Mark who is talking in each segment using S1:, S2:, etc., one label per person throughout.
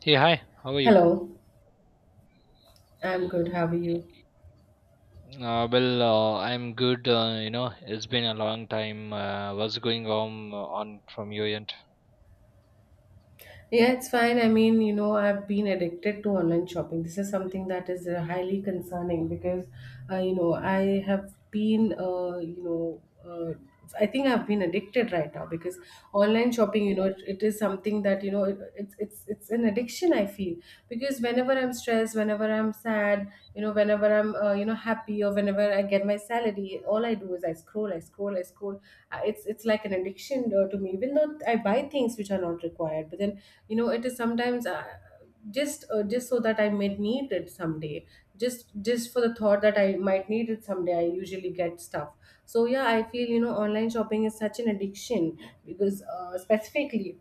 S1: Hey, hi, how are you?
S2: Hello, I'm good. How are you?
S1: I'm good. You know, it's been a long time. What's going on from your end?
S2: Yeah, it's fine. I've been addicted to online shopping. This is something that is highly concerning because, I have been, uh, I think I've been addicted right now because online shopping, it is something that you know, it, it's an addiction I feel. Because whenever I'm stressed, whenever I'm sad, you know, whenever I'm happy, or whenever I get my salary, all I do is I scroll, I scroll, I scroll. It's like an addiction to me, even though I buy things which are not required. But then, you know, it is sometimes just so that I may need it someday. Just for the thought that I might need it someday, I usually get stuff. So yeah, I feel, you know, online shopping is such an addiction, because specifically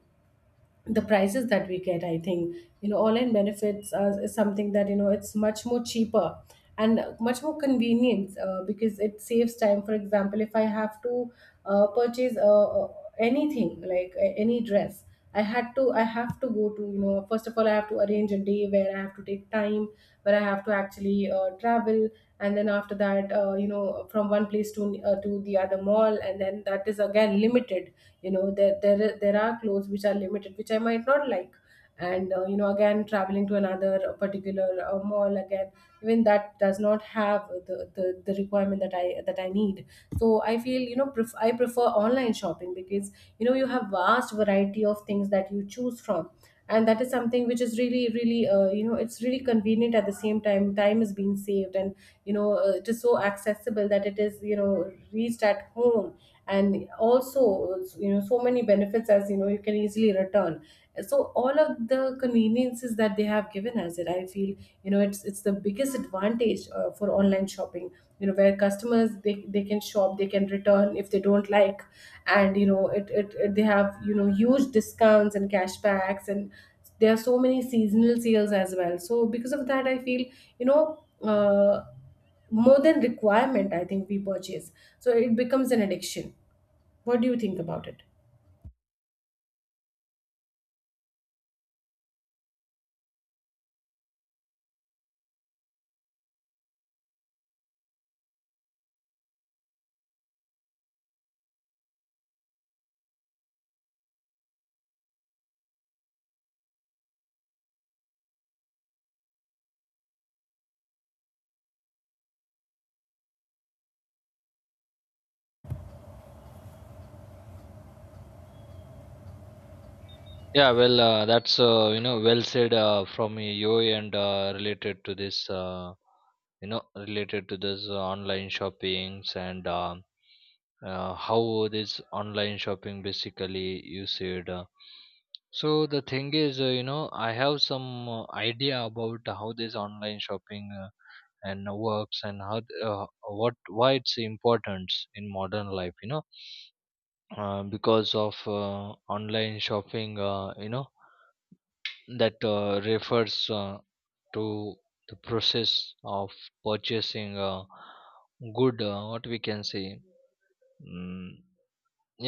S2: the prices that we get, I think, you know, online benefits is something that, you know, it's much more cheaper and much more convenient, because it saves time. For example, if I have to purchase anything, like any dress, I have to go to, you know, first of all I have to arrange a day where I have to take time, where I have to actually travel, and then after that, you know, from one place to the other mall, and then that is again limited. You know, there are clothes which are limited which I might not like, and you know, again traveling to another particular mall again, even that does not have the requirement that I need. So I feel, you know, I prefer online shopping because, you know, you have vast variety of things that you choose from, and that is something which is really really you know, it's really convenient. At the same time time is being saved, and you know, it is so accessible that it is, you know, reached at home. And also, you know, so many benefits, as you know, you can easily return. So all of the conveniences that they have given us, it, I feel, you know, it's the biggest advantage for online shopping, you know, where customers, they can shop, they can return if they don't like. And you know, it they have, you know, huge discounts and cashbacks, and there are so many seasonal sales as well. So because of that, I feel, you know, uh, more than requirement, I think we purchase, so it becomes an addiction. What do you think about it?
S1: Yeah, well, that's you know, well said from you end related to this, you know, related to this online shoppings, and how this online shopping basically you said. So the thing is, you know, I have some idea about how this online shopping and works, and how what, why it's important in modern life, you know. Because of online shopping, you know, that refers to the process of purchasing a good, what we can say, mm,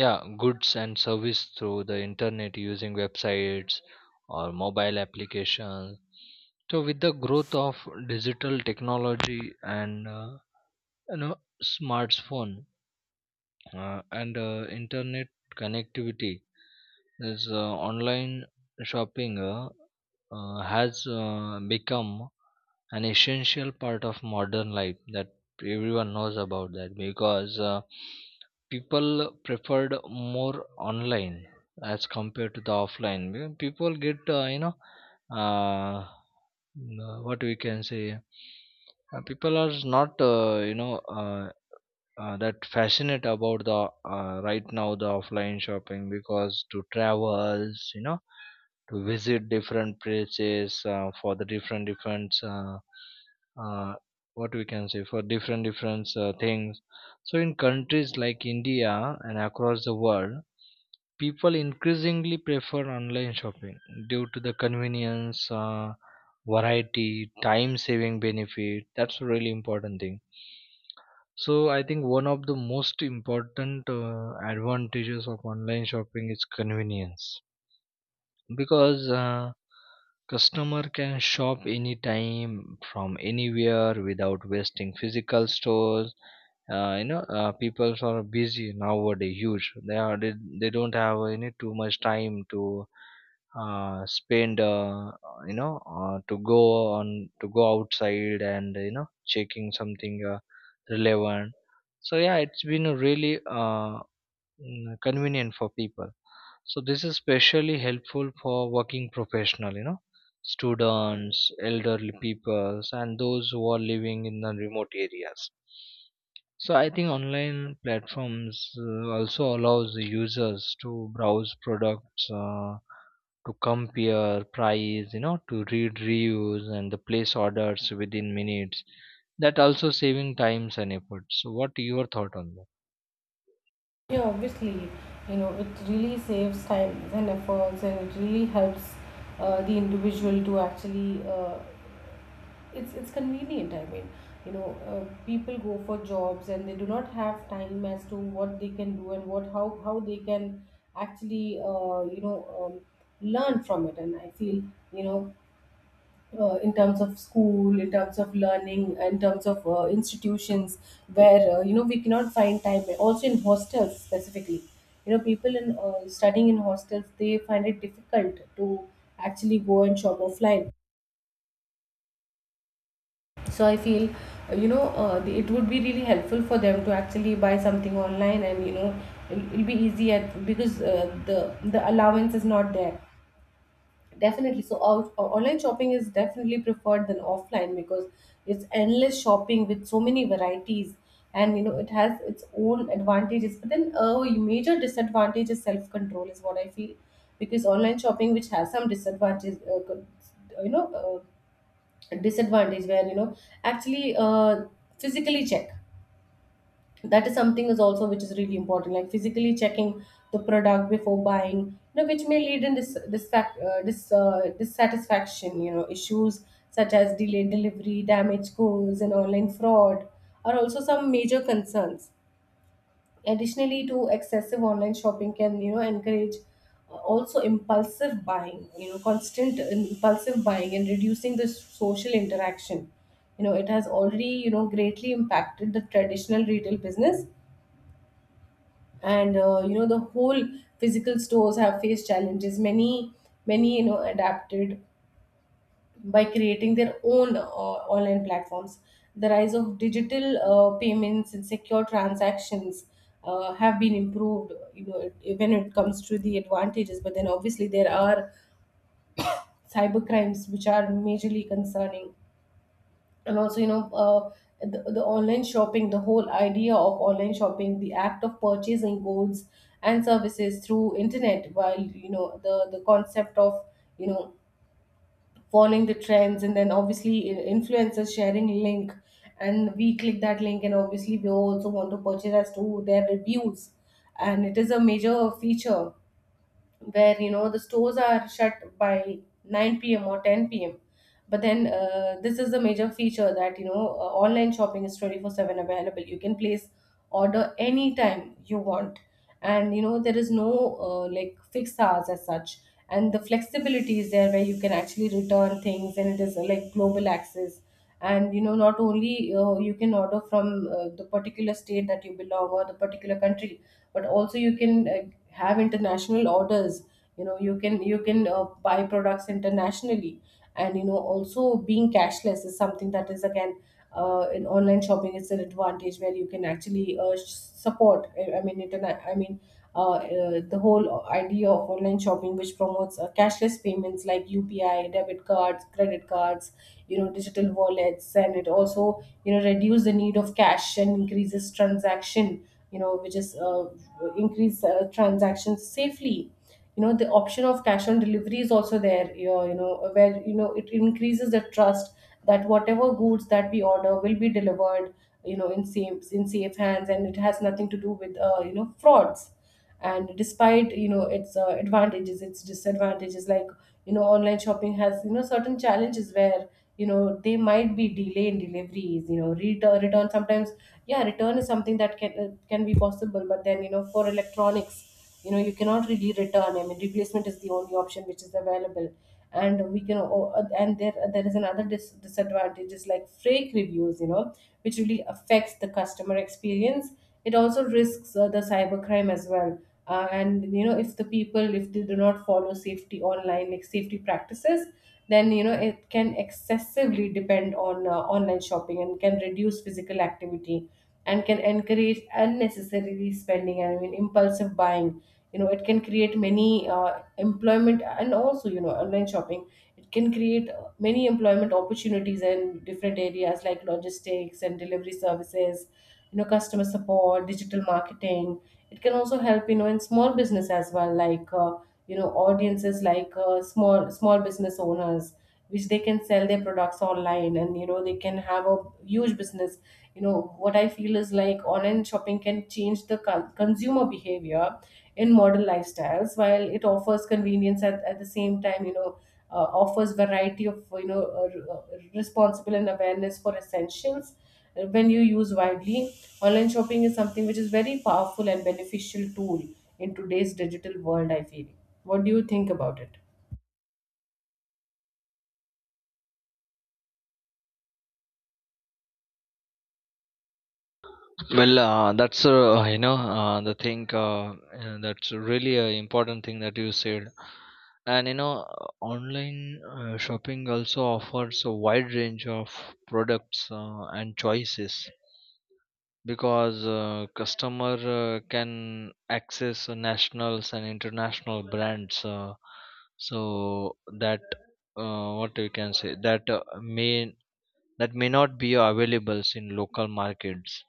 S1: yeah, goods and service through the internet using websites or mobile applications. So with the growth of digital technology, and you know, smartphone and internet connectivity, this online shopping has become an essential part of modern life, that everyone knows about that. Because people preferred more online as compared to the offline. Because people get, you know, uh, what we can say, people are not you know, that fascinate about the, right now, the offline shopping, because to travels, you know, to visit different places for the different different uh, what we can say, for different different things. So in countries like India and across the world, people increasingly prefer online shopping due to the convenience, variety, time saving benefit. That's a really important thing. So I think one of the most important advantages of online shopping is convenience, because customer can shop anytime from anywhere without wasting physical stores. You know, people are busy nowadays, huge, they don't have any too much time to spend, you know, to go on, to go outside, and you know, checking something relevant. So yeah, it's been really convenient for people. So this is especially helpful for working professional, you know, students, elderly peoples, and those who are living in the remote areas. So I think online platforms also allows the users to browse products, to compare price, you know, to read reviews and the place orders within minutes. That also saving times and effort. So what your thought on that?
S2: Yeah, obviously, you know, it really saves time and efforts, and it really helps the individual to actually it's convenient. I mean, you know, people go for jobs and they do not have time as to what they can do and what how they can actually learn from it. And I feel, you know, in terms of school, in terms of learning, in terms of institutions where, you know, we cannot find time, also in hostels specifically, you know, people in studying in hostels, they find it difficult to actually go and shop offline. So I feel it would be really helpful for them to actually buy something online, and you know, it'll be easy at, because the allowance is not there, definitely. So online shopping is definitely preferred than offline, because it's endless shopping with so many varieties, and you know, it has its own advantages. But then a major disadvantage is self control, is what I feel. Because online shopping, which has some disadvantages, you know uh, disadvantage where, you know, actually physically check, that is something is also which is really important, like physically checking the product before buying, you know, which may lead in dissatisfaction, you know, issues such as delayed delivery, damaged goods, and online fraud are also some major concerns. Additionally, to excessive online shopping can, you know, encourage, also impulsive buying, you know, constant impulsive buying, and reducing the social interaction. You know, it has already, you know, greatly impacted the traditional retail business, and you know, the whole physical stores have faced challenges. Many many, you know, adapted by creating their own online platforms. The rise of digital payments and secure transactions have been improved, you know, when it comes to the advantages. But then obviously there are cyber crimes which are majorly concerning, and also you know. The online shopping, the whole idea of online shopping, the act of purchasing goods and services through internet, while, you know, the concept of, you know, following the trends, and then obviously influencers sharing link, and we click that link, and obviously we also want to purchase as to their reviews. And it is a major feature where, you know, the stores are shut by 9 p.m. or 10 p.m. But then, this is the major feature that, you know, online shopping is 24/7 available. You can place order anytime you want, and you know there is no like fixed hours as such. And the flexibility is there where you can actually return things, and it is, like, global access. And you know, not only you can order from the particular state that you belong or the particular country, but also you can have international orders. You know, you can buy products internationally. And you know, also being cashless is something that is again, in online shopping, it's an advantage, where you can actually support I mean internet, I mean the whole idea of online shopping, which promotes cashless payments like UPI, debit cards, credit cards, you know, digital wallets. And it also, you know, reduces the need of cash and increases transaction, you know, which is increase transactions safely. You know, the option of cash on delivery is also there, you know, where, you know, it increases the trust that whatever goods that we order will be delivered, you know, in safe, in safe hands, and it has nothing to do with you know, frauds. And despite, you know, its advantages, its disadvantages, like, you know, online shopping has, you know, certain challenges where, you know, they might be delay in deliveries, you know, return sometimes. Yeah, return is something that can, can be possible, but then you know, for electronics, you know, you cannot really return, I mean replacement is the only option which is available. And we can, Oh, and there is another disadvantage is like fake reviews, you know, which really affects the customer experience. It also risks the cybercrime as well. And you know, if the people, if they do not follow safety online, like safety practices, then you know, it can excessively depend on online shopping, and can reduce physical activity, and can encourage unnecessary spending, I mean impulsive buying. You know, it can create many employment, and also, you know, online shopping, it can create many employment opportunities in different areas like logistics and delivery services, you know, customer support, digital marketing. It can also help, you know, in small business as well, like you know, audiences like, small small business owners, which they can sell their products online, and you know, they can have a huge business. You know, what I feel is, like, online shopping can change the consumer behavior in modern lifestyles. While it offers convenience, at the same time, you know, offers variety of, you know, responsible and awareness for essentials when you use widely, online shopping is something which is very powerful and beneficial tool in today's digital world, I feel. What do you think about it?
S1: Well, that's you know, the thing, that's really an important thing that you said. And you know, online shopping also offers a wide range of products and choices, because customer can access nationals and international brands, so that, what we can say, that may that may not be available in local markets.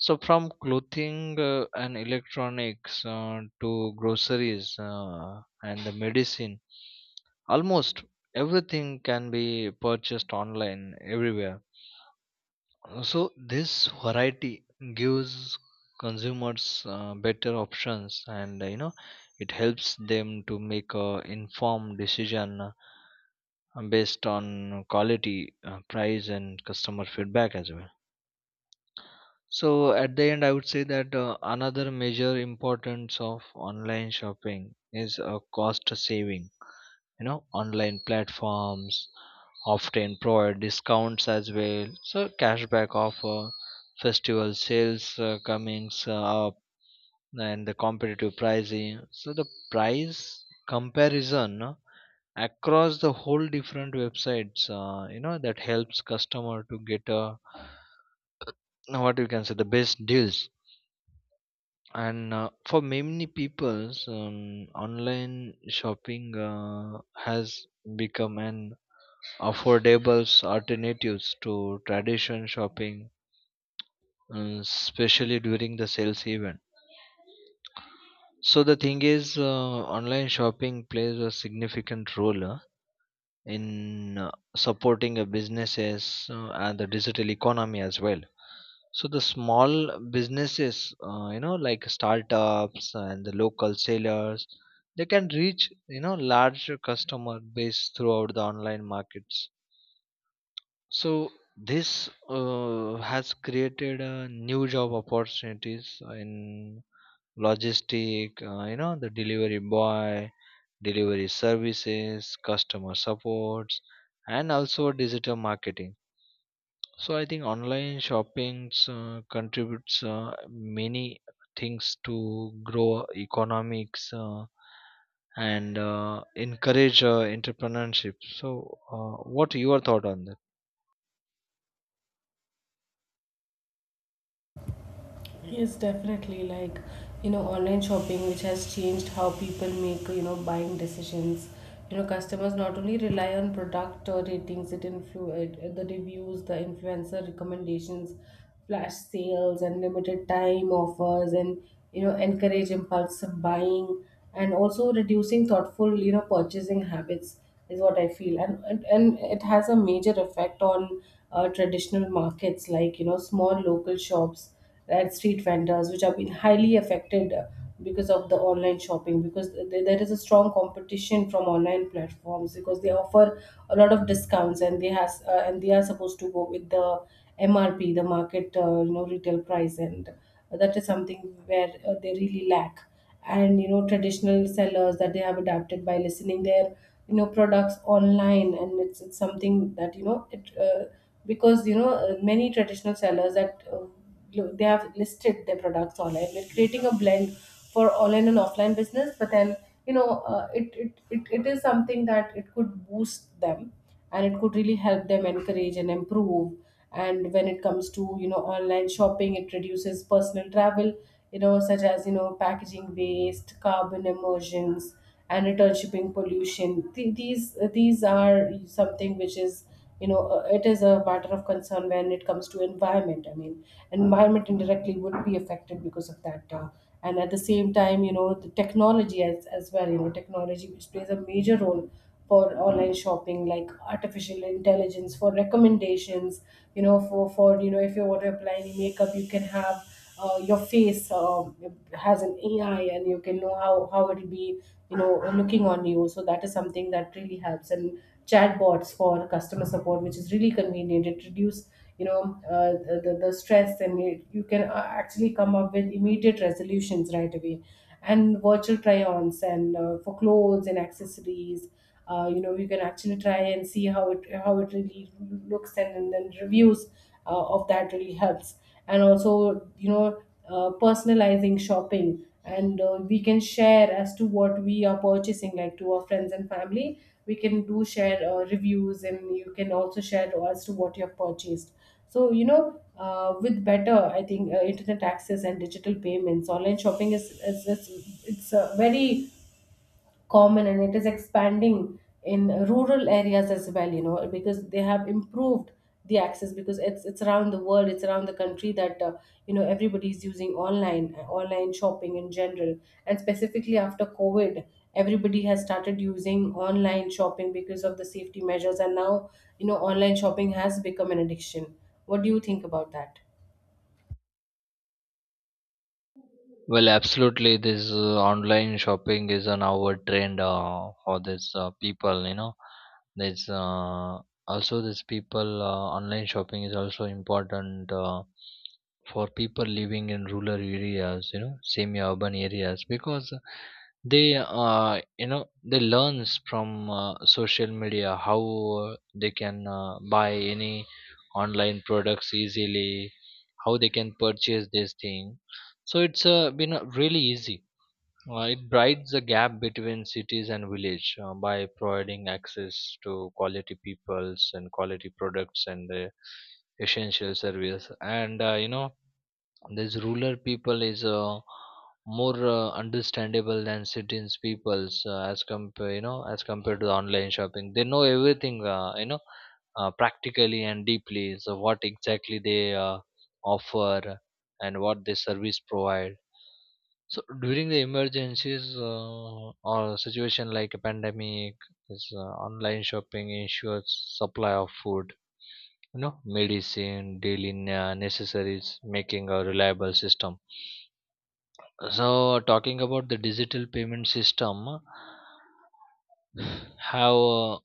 S1: So from clothing and electronics to groceries and the medicine, almost everything can be purchased online everywhere. So this variety gives consumers better options, and you know, it helps them to make a informed decision based on quality, price, and customer feedback as well. So at the end, I would say that another major importance of online shopping is cost saving. You know, online platforms often provide discounts as well. So cashback offer, festival sales comings up, and the competitive pricing. So the price comparison across the whole different websites, you know, that helps customer to get a, what you can say, the best deals. And for many people, online shopping has become an affordable alternatives to traditional shopping, especially during the sales event. So the thing is, online shopping plays a significant role in supporting businesses and the digital economy as well. So the small businesses, you know, like startups and the local sellers, they can reach, you know, larger customer base throughout the online markets. So this has created new job opportunities in logistic, you know, the delivery boy, delivery services, customer supports, and also digital marketing. So I think online shopping contributes many things to grow economics and encourage entrepreneurship. So what your thought on this?
S2: Yes, definitely. Like, you know, online shopping, which has changed how people make, you know, buying decisions. You know, customers not only rely on product or ratings, it the reviews, the influencer recommendations, flash sales, and limited time offers, and, you know, encourage impulsive buying, and also reducing thoughtful, you know, purchasing habits is what I feel. And it has a major effect on traditional markets like, you know, small local shops and street vendors, which have been highly affected, because of the online shopping, because there is a strong competition from online platforms because they offer a lot of discounts and they has and they are supposed to go with the MRP, the market, you know, retail price, and that is something where they really lack. And you know, traditional sellers, that they have adapted by listening their, you know, products online, and it's something that you know it because you know, many traditional sellers that, they have listed their products online, we are creating a blend for online and offline business. But then, you know, it is something that it could boost them, and it could really help them encourage and improve. And when it comes to, you know, online shopping, it reduces personal travel, you know, such as, you know, packaging waste, carbon emissions, and return shipping pollution. These are something which is, you know, it is a matter of concern when it comes to environment. I mean, environment indirectly would be affected because of that. And at the same time, you know, the technology as well, you know, technology which plays a major role for online shopping, like artificial intelligence for recommendations, you know, for you know, if you want to apply any makeup, you can have, your face, has an ai, and you can know how it'll be, you know, looking on you. So that is something that really helps. And chatbots for customer support, which is really convenient. It reduces, you know, the stress, and you can, actually come up with immediate resolutions right away. And virtual try-ons and, for clothes and accessories. You know, you can actually try and see how it really looks, and then reviews, of that really helps. And also, you know, personalizing shopping, and, we can share as to what we are purchasing, like to our friends and family. We can do share, reviews, and you can also share as to what you have purchased. So, you know, with better, I think, internet access and digital payments, online shopping is it's very common, and it is expanding in rural areas as well, you know, because they have improved the access, because it's around the world, it's around the country, that, you know, everybody is using online shopping in general, and specifically after covid, everybody has started using online shopping because of the safety measures. And now, you know, online shopping has become an addiction. What do you think about that?
S1: Well, absolutely. This online shopping is an our trend for this people. You know, there's also this people, online shopping is also important. For people living in rural areas, you know, semi urban areas, because they, uh, you know, they learns from social media how uh, they can buy any online products easily, how they can purchase this thing. So it's been really easy. It bridges the gap between cities and village by providing access to quality peoples and quality products, and essential service. And you know, these rural people is more understandable than cities peoples, as compare, you know, as compared to online shopping. They know everything, you know, practically and deeply. So what exactly they offer and what they service provide. So during the emergencies or situation like a pandemic, this online shopping ensures supply of food, you know, medicine, daily necessaries, making a reliable system. So talking about the digital payment system, have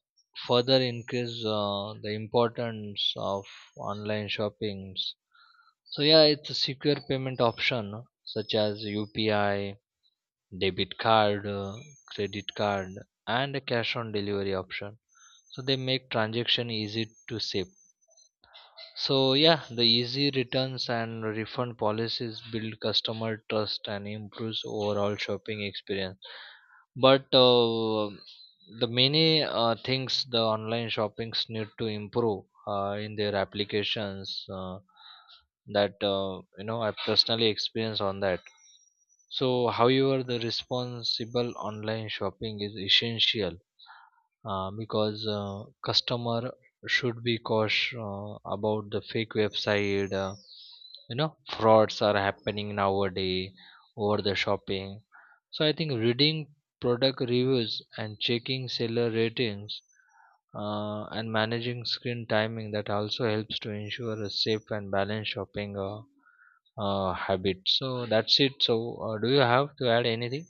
S1: further increased the importance of online shoppings. So yeah, it's a secure payment option such as UPI, debit card, credit card, and a cash on delivery option. So they make transaction easy to save. So yeah, the easy returns and refund policies build customer trust and improves overall shopping experience. But the many things, the online shoppings need to improve in their applications, that you know, I personally experience on that. So however, the responsible online shopping is essential, because customer should be cautious about the fake website. You know, frauds are happening nowadays over the shopping. So I think reading product reviews and checking seller ratings and managing screen timing, that also helps to ensure a safe and balanced shopping habit. So that's it. So do you have to add anything?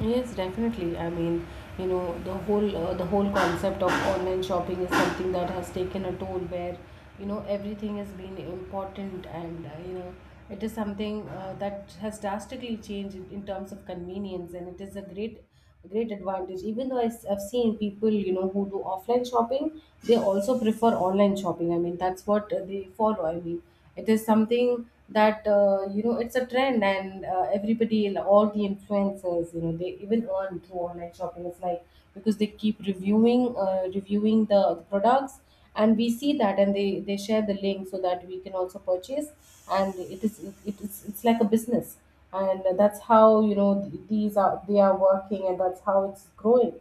S2: Yes, definitely. I mean, you know, the whole concept of online shopping is something that has taken a toll where, you know, everything has been important, and, you know, it is something, that has drastically changed in terms of convenience. And it is a great advantage. Even though I have seen people, you know, who do offline shopping, they also prefer online shopping. I mean, that's what, they follow. I mean, it is something that, you know, it's a trend. And, everybody, all the influencers, you know, they even earn through online shopping. It's like, because they keep reviewing the products, and we see that, and they share the link, so that we can also purchase. And it is it's like a business, and that's how, you know, these are, they are working, and that's how it's growing.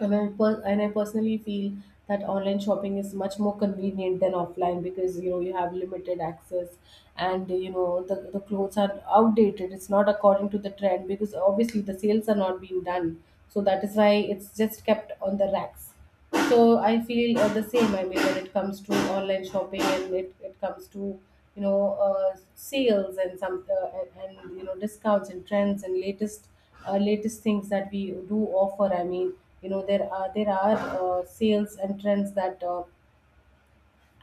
S2: And I personally feel that online shopping is much more convenient than offline, because you know you have limited access, and you know the clothes are outdated, it's not according to the trend, because obviously the sales are not being done, so that is why it's just kept on the racks. So I feel, the same. I mean, when it comes to online shopping, and it comes to, you know, sales and you know, discounts and trends and latest, latest things that we do offer. I mean, you know, there are sales and trends that.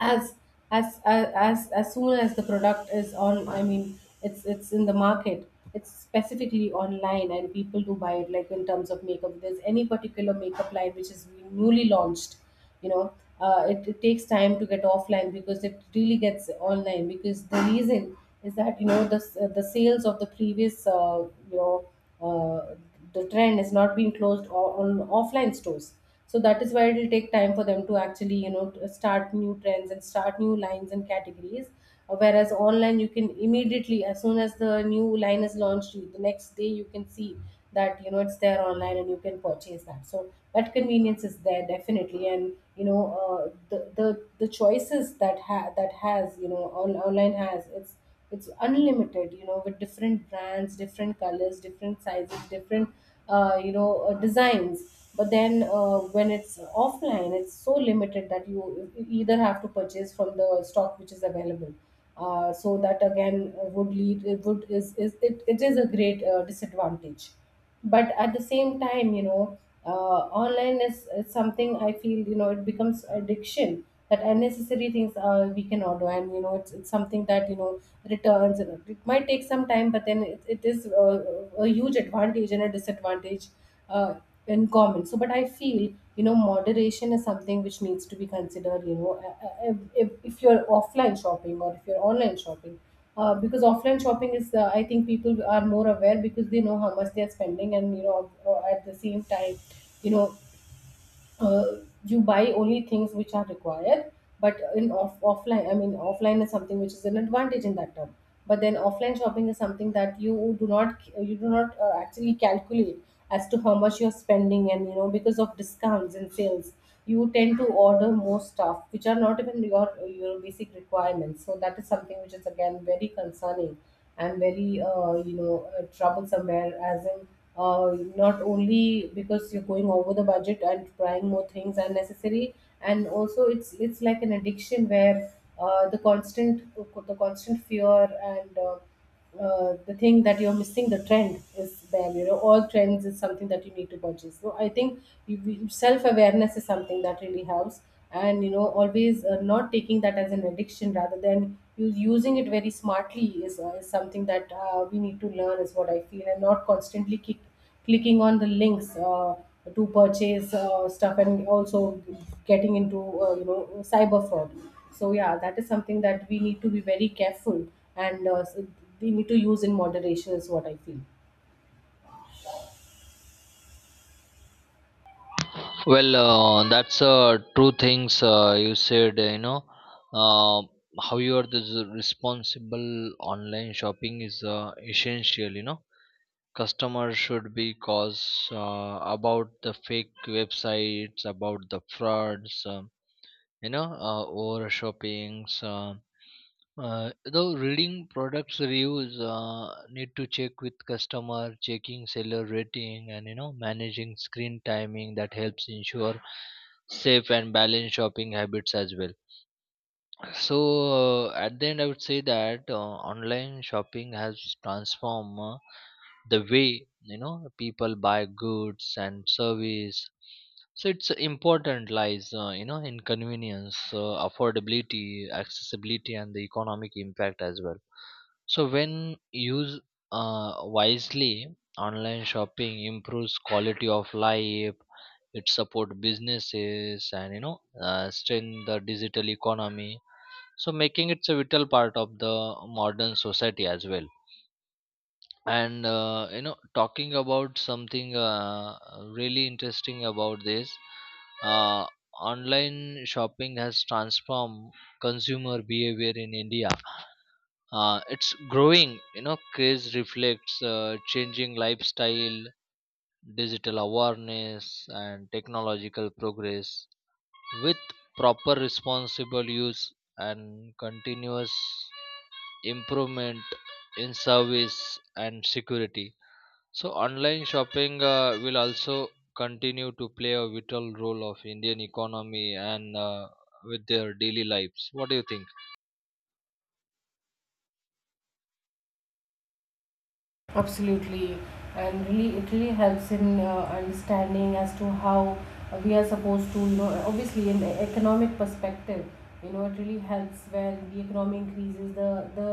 S2: as as soon as the product is on, I mean, it's in the market, it's specifically online, and people do buy it. Like in terms of makeup, if there's any particular makeup line which is newly launched, you know, it takes time to get offline, because it really gets online, because the reason is that, you know, the sales of the previous, you know, uh, the trend is not being closed on offline stores. So that is why it will take time for them to actually, you know, to start new trends and start new lines and categories. Whereas online, you can immediately, as soon as the new line is launched, the next day you can see that, you know, it's there online, and you can purchase that. So that convenience is there, definitely. And you know, the, the the choices that has, you know, online has, it's unlimited, you know, with different brands, different colors, different sizes, different, you know, designs. But then, when it's offline, it's so limited that you either have to purchase from the stock which is available. So that again, would lead, it would it is a great, disadvantage. But at the same time, you know, online is something I feel, you know, it becomes addiction, that unnecessary things, we can order. And you know, it's something that you know, returns, and it might take some time. But then it is, a huge advantage and a disadvantage, uh, in common. So, but I feel, you know, moderation is something which needs to be considered, you know, if you're offline shopping, or if you're online shopping. Because offline shopping is, I think people are more aware, because they know how much they are spending. And you know, at the same time, you know, uh, you buy only things which are required. But offline, I mean, offline is something which is an advantage in that term. But then offline shopping is something that you do not, actually calculate as to how much you're spending, and you know, because of discounts and sales, you tend to order more stuff which are not even your basic requirements. So that is something which is again very concerning, and very, you know, troublesome. Where as in, not only because you're going over the budget and trying more things unnecessary, and also it's like an addiction, where, the constant fear, and, the thing that you're missing the trend is there, you know, all trends is something that you need to purchase. So I think self-awareness is something that really helps. And you know, always, not taking that as an addiction, rather than you using it very smartly, is something that, we need to learn is what I feel. And not constantly clicking on the links, to purchase, stuff, and also getting into, you know, cyber fraud. So yeah, that is something that we need to be very careful. And, we need to use in moderation is what I feel.
S1: Well, that's true things you said. You know, uh, how you are this responsible online shopping is essential. You know, customers should be cautious about the fake websites, about the frauds. You know, over shoppings. Though reading products reviews need to check with customer, checking seller rating, and you know, managing screen timing, that helps ensure safe and balanced shopping habits as well. So at the end, I would say that online shopping has transformed the way, you know, people buy goods and service. So it's important lies, you know, in convenience, affordability, accessibility, and the economic impact as well. So when used uh, wisely, online shopping improves quality of life, it support businesses, and you know, strengthen the digital economy, so making it a vital part of the modern society as well. And you know, talking about something really interesting about this, uh, online shopping has transformed consumer behavior in India. It's growing, you know, craze reflects changing lifestyle, digital awareness, and technological progress. With proper, responsible use and continuous improvement in service and security, so online shopping will also continue to play a vital role of Indian economy, and with their daily lives. What do you think?
S2: Absolutely, and really, it really helps in, understanding as to how, we are supposed to, you know, obviously in the economic perspective, you know, it really helps when the economy increases. The the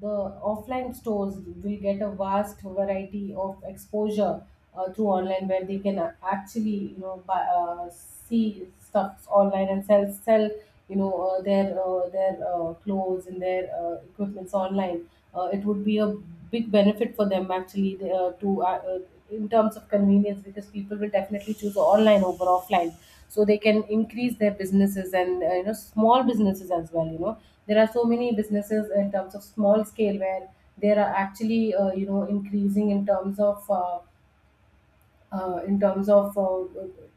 S2: the offline stores will get a vast variety of exposure, through online, where they can, actually, you know, buy, see stuff online and sell, you know, their, their, clothes and their, equipments online. It would be a big benefit for them, actually, they, to in terms of convenience, because people will definitely choose online over offline. So they can increase their businesses, and, you know, small businesses as well. You know, there are so many businesses in terms of small scale, where they are actually, you know, increasing in terms of. In terms of,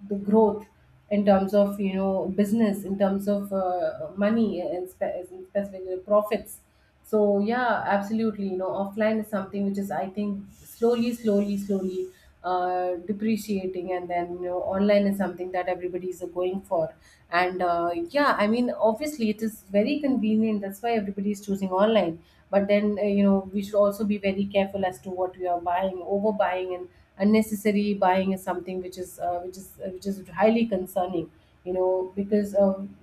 S2: the growth, in terms of, you know, business, in terms of, money, and specifically profits. So yeah, absolutely. You know, offline is something which is, I think, slowly, slowly, slowly, depreciating, and then, you know, online is something that everybody is going for. And, yeah, I mean obviously it is very convenient. That's why everybody is choosing online. But then, you know, we should also be very careful as to what we are buying, overbuying, and unnecessary buying is something which is, which is highly concerning, you know, because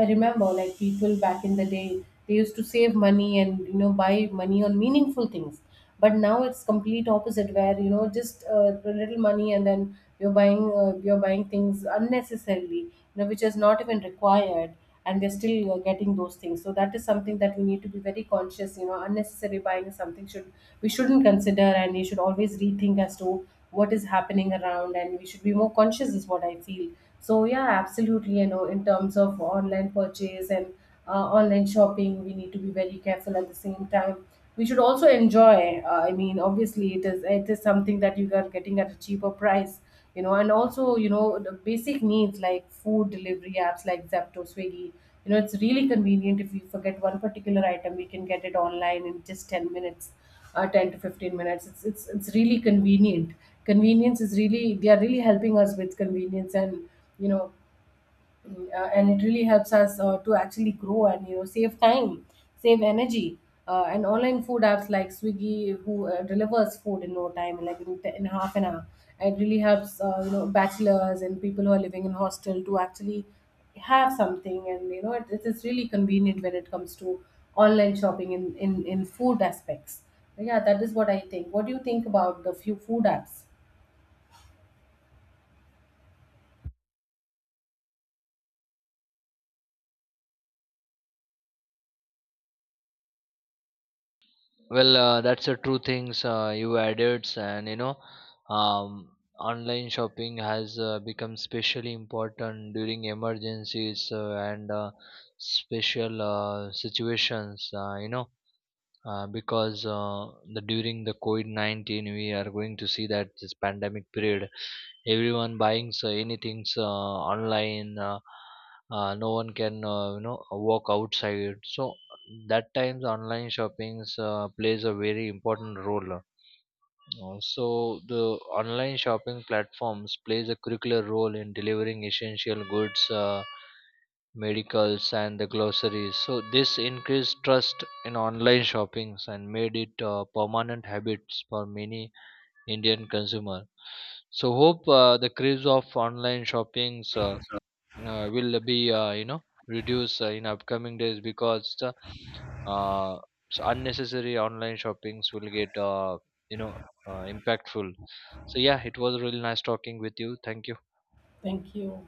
S2: I remember, like, people back in the day, they used to save money, and you know, buy money on meaningful things. But now it's complete opposite, where you know, just, a little money, and then you're buying things unnecessarily, you know, which is not even required, and they're still, getting those things. So that is something that we need to be very conscious, you know, unnecessary buying is something should, we shouldn't consider, and we should always rethink as to what is happening around, and we should be more conscious is what I feel. So yeah, absolutely, you know, in terms of online purchase and, online shopping, we need to be very careful. At the same time, we should also enjoy, I mean obviously it is, it is something that you are getting at a cheaper price, you know. And also you know, the basic needs, like food delivery apps like zepto, swiggy, you know, it's really convenient. If we forget one particular item, we can get it online in just 10 minutes, 10 to 15 minutes. It's it's really convenient. Convenience is really, they are really helping us with convenience. And you know, Mm, and it really helps us, to actually grow, and you know, save time, save energy. And online food apps like swiggy, who, delivers food in no time, like in half an hour. It really helps, you know, bachelors and people who are living in hostel to actually have something. And you know, it is really convenient when it comes to online shopping in food aspects. Yeah, that is what I think. What do you think about the few food apps?
S1: Well, that's a true things you added. And you know, um, online shopping has become especially important during emergencies and special situations. You know, because the during the COVID COVID-19, we are going to see that this pandemic period, everyone buying so anything online. No one can, you know, walk outside. So that times online shoppings plays a very important role. So the online shopping platforms plays a curricular role in delivering essential goods, medicals, and the groceries. So this increased trust in online shoppings and made it permanent habits for many Indian consumer. So hope the craze of online shoppings will be you know, reduced in upcoming days, because the uh, so unnecessary online shoppings will get you know, impactful. So yeah, it was really nice talking with you. Thank you.
S2: Thank you.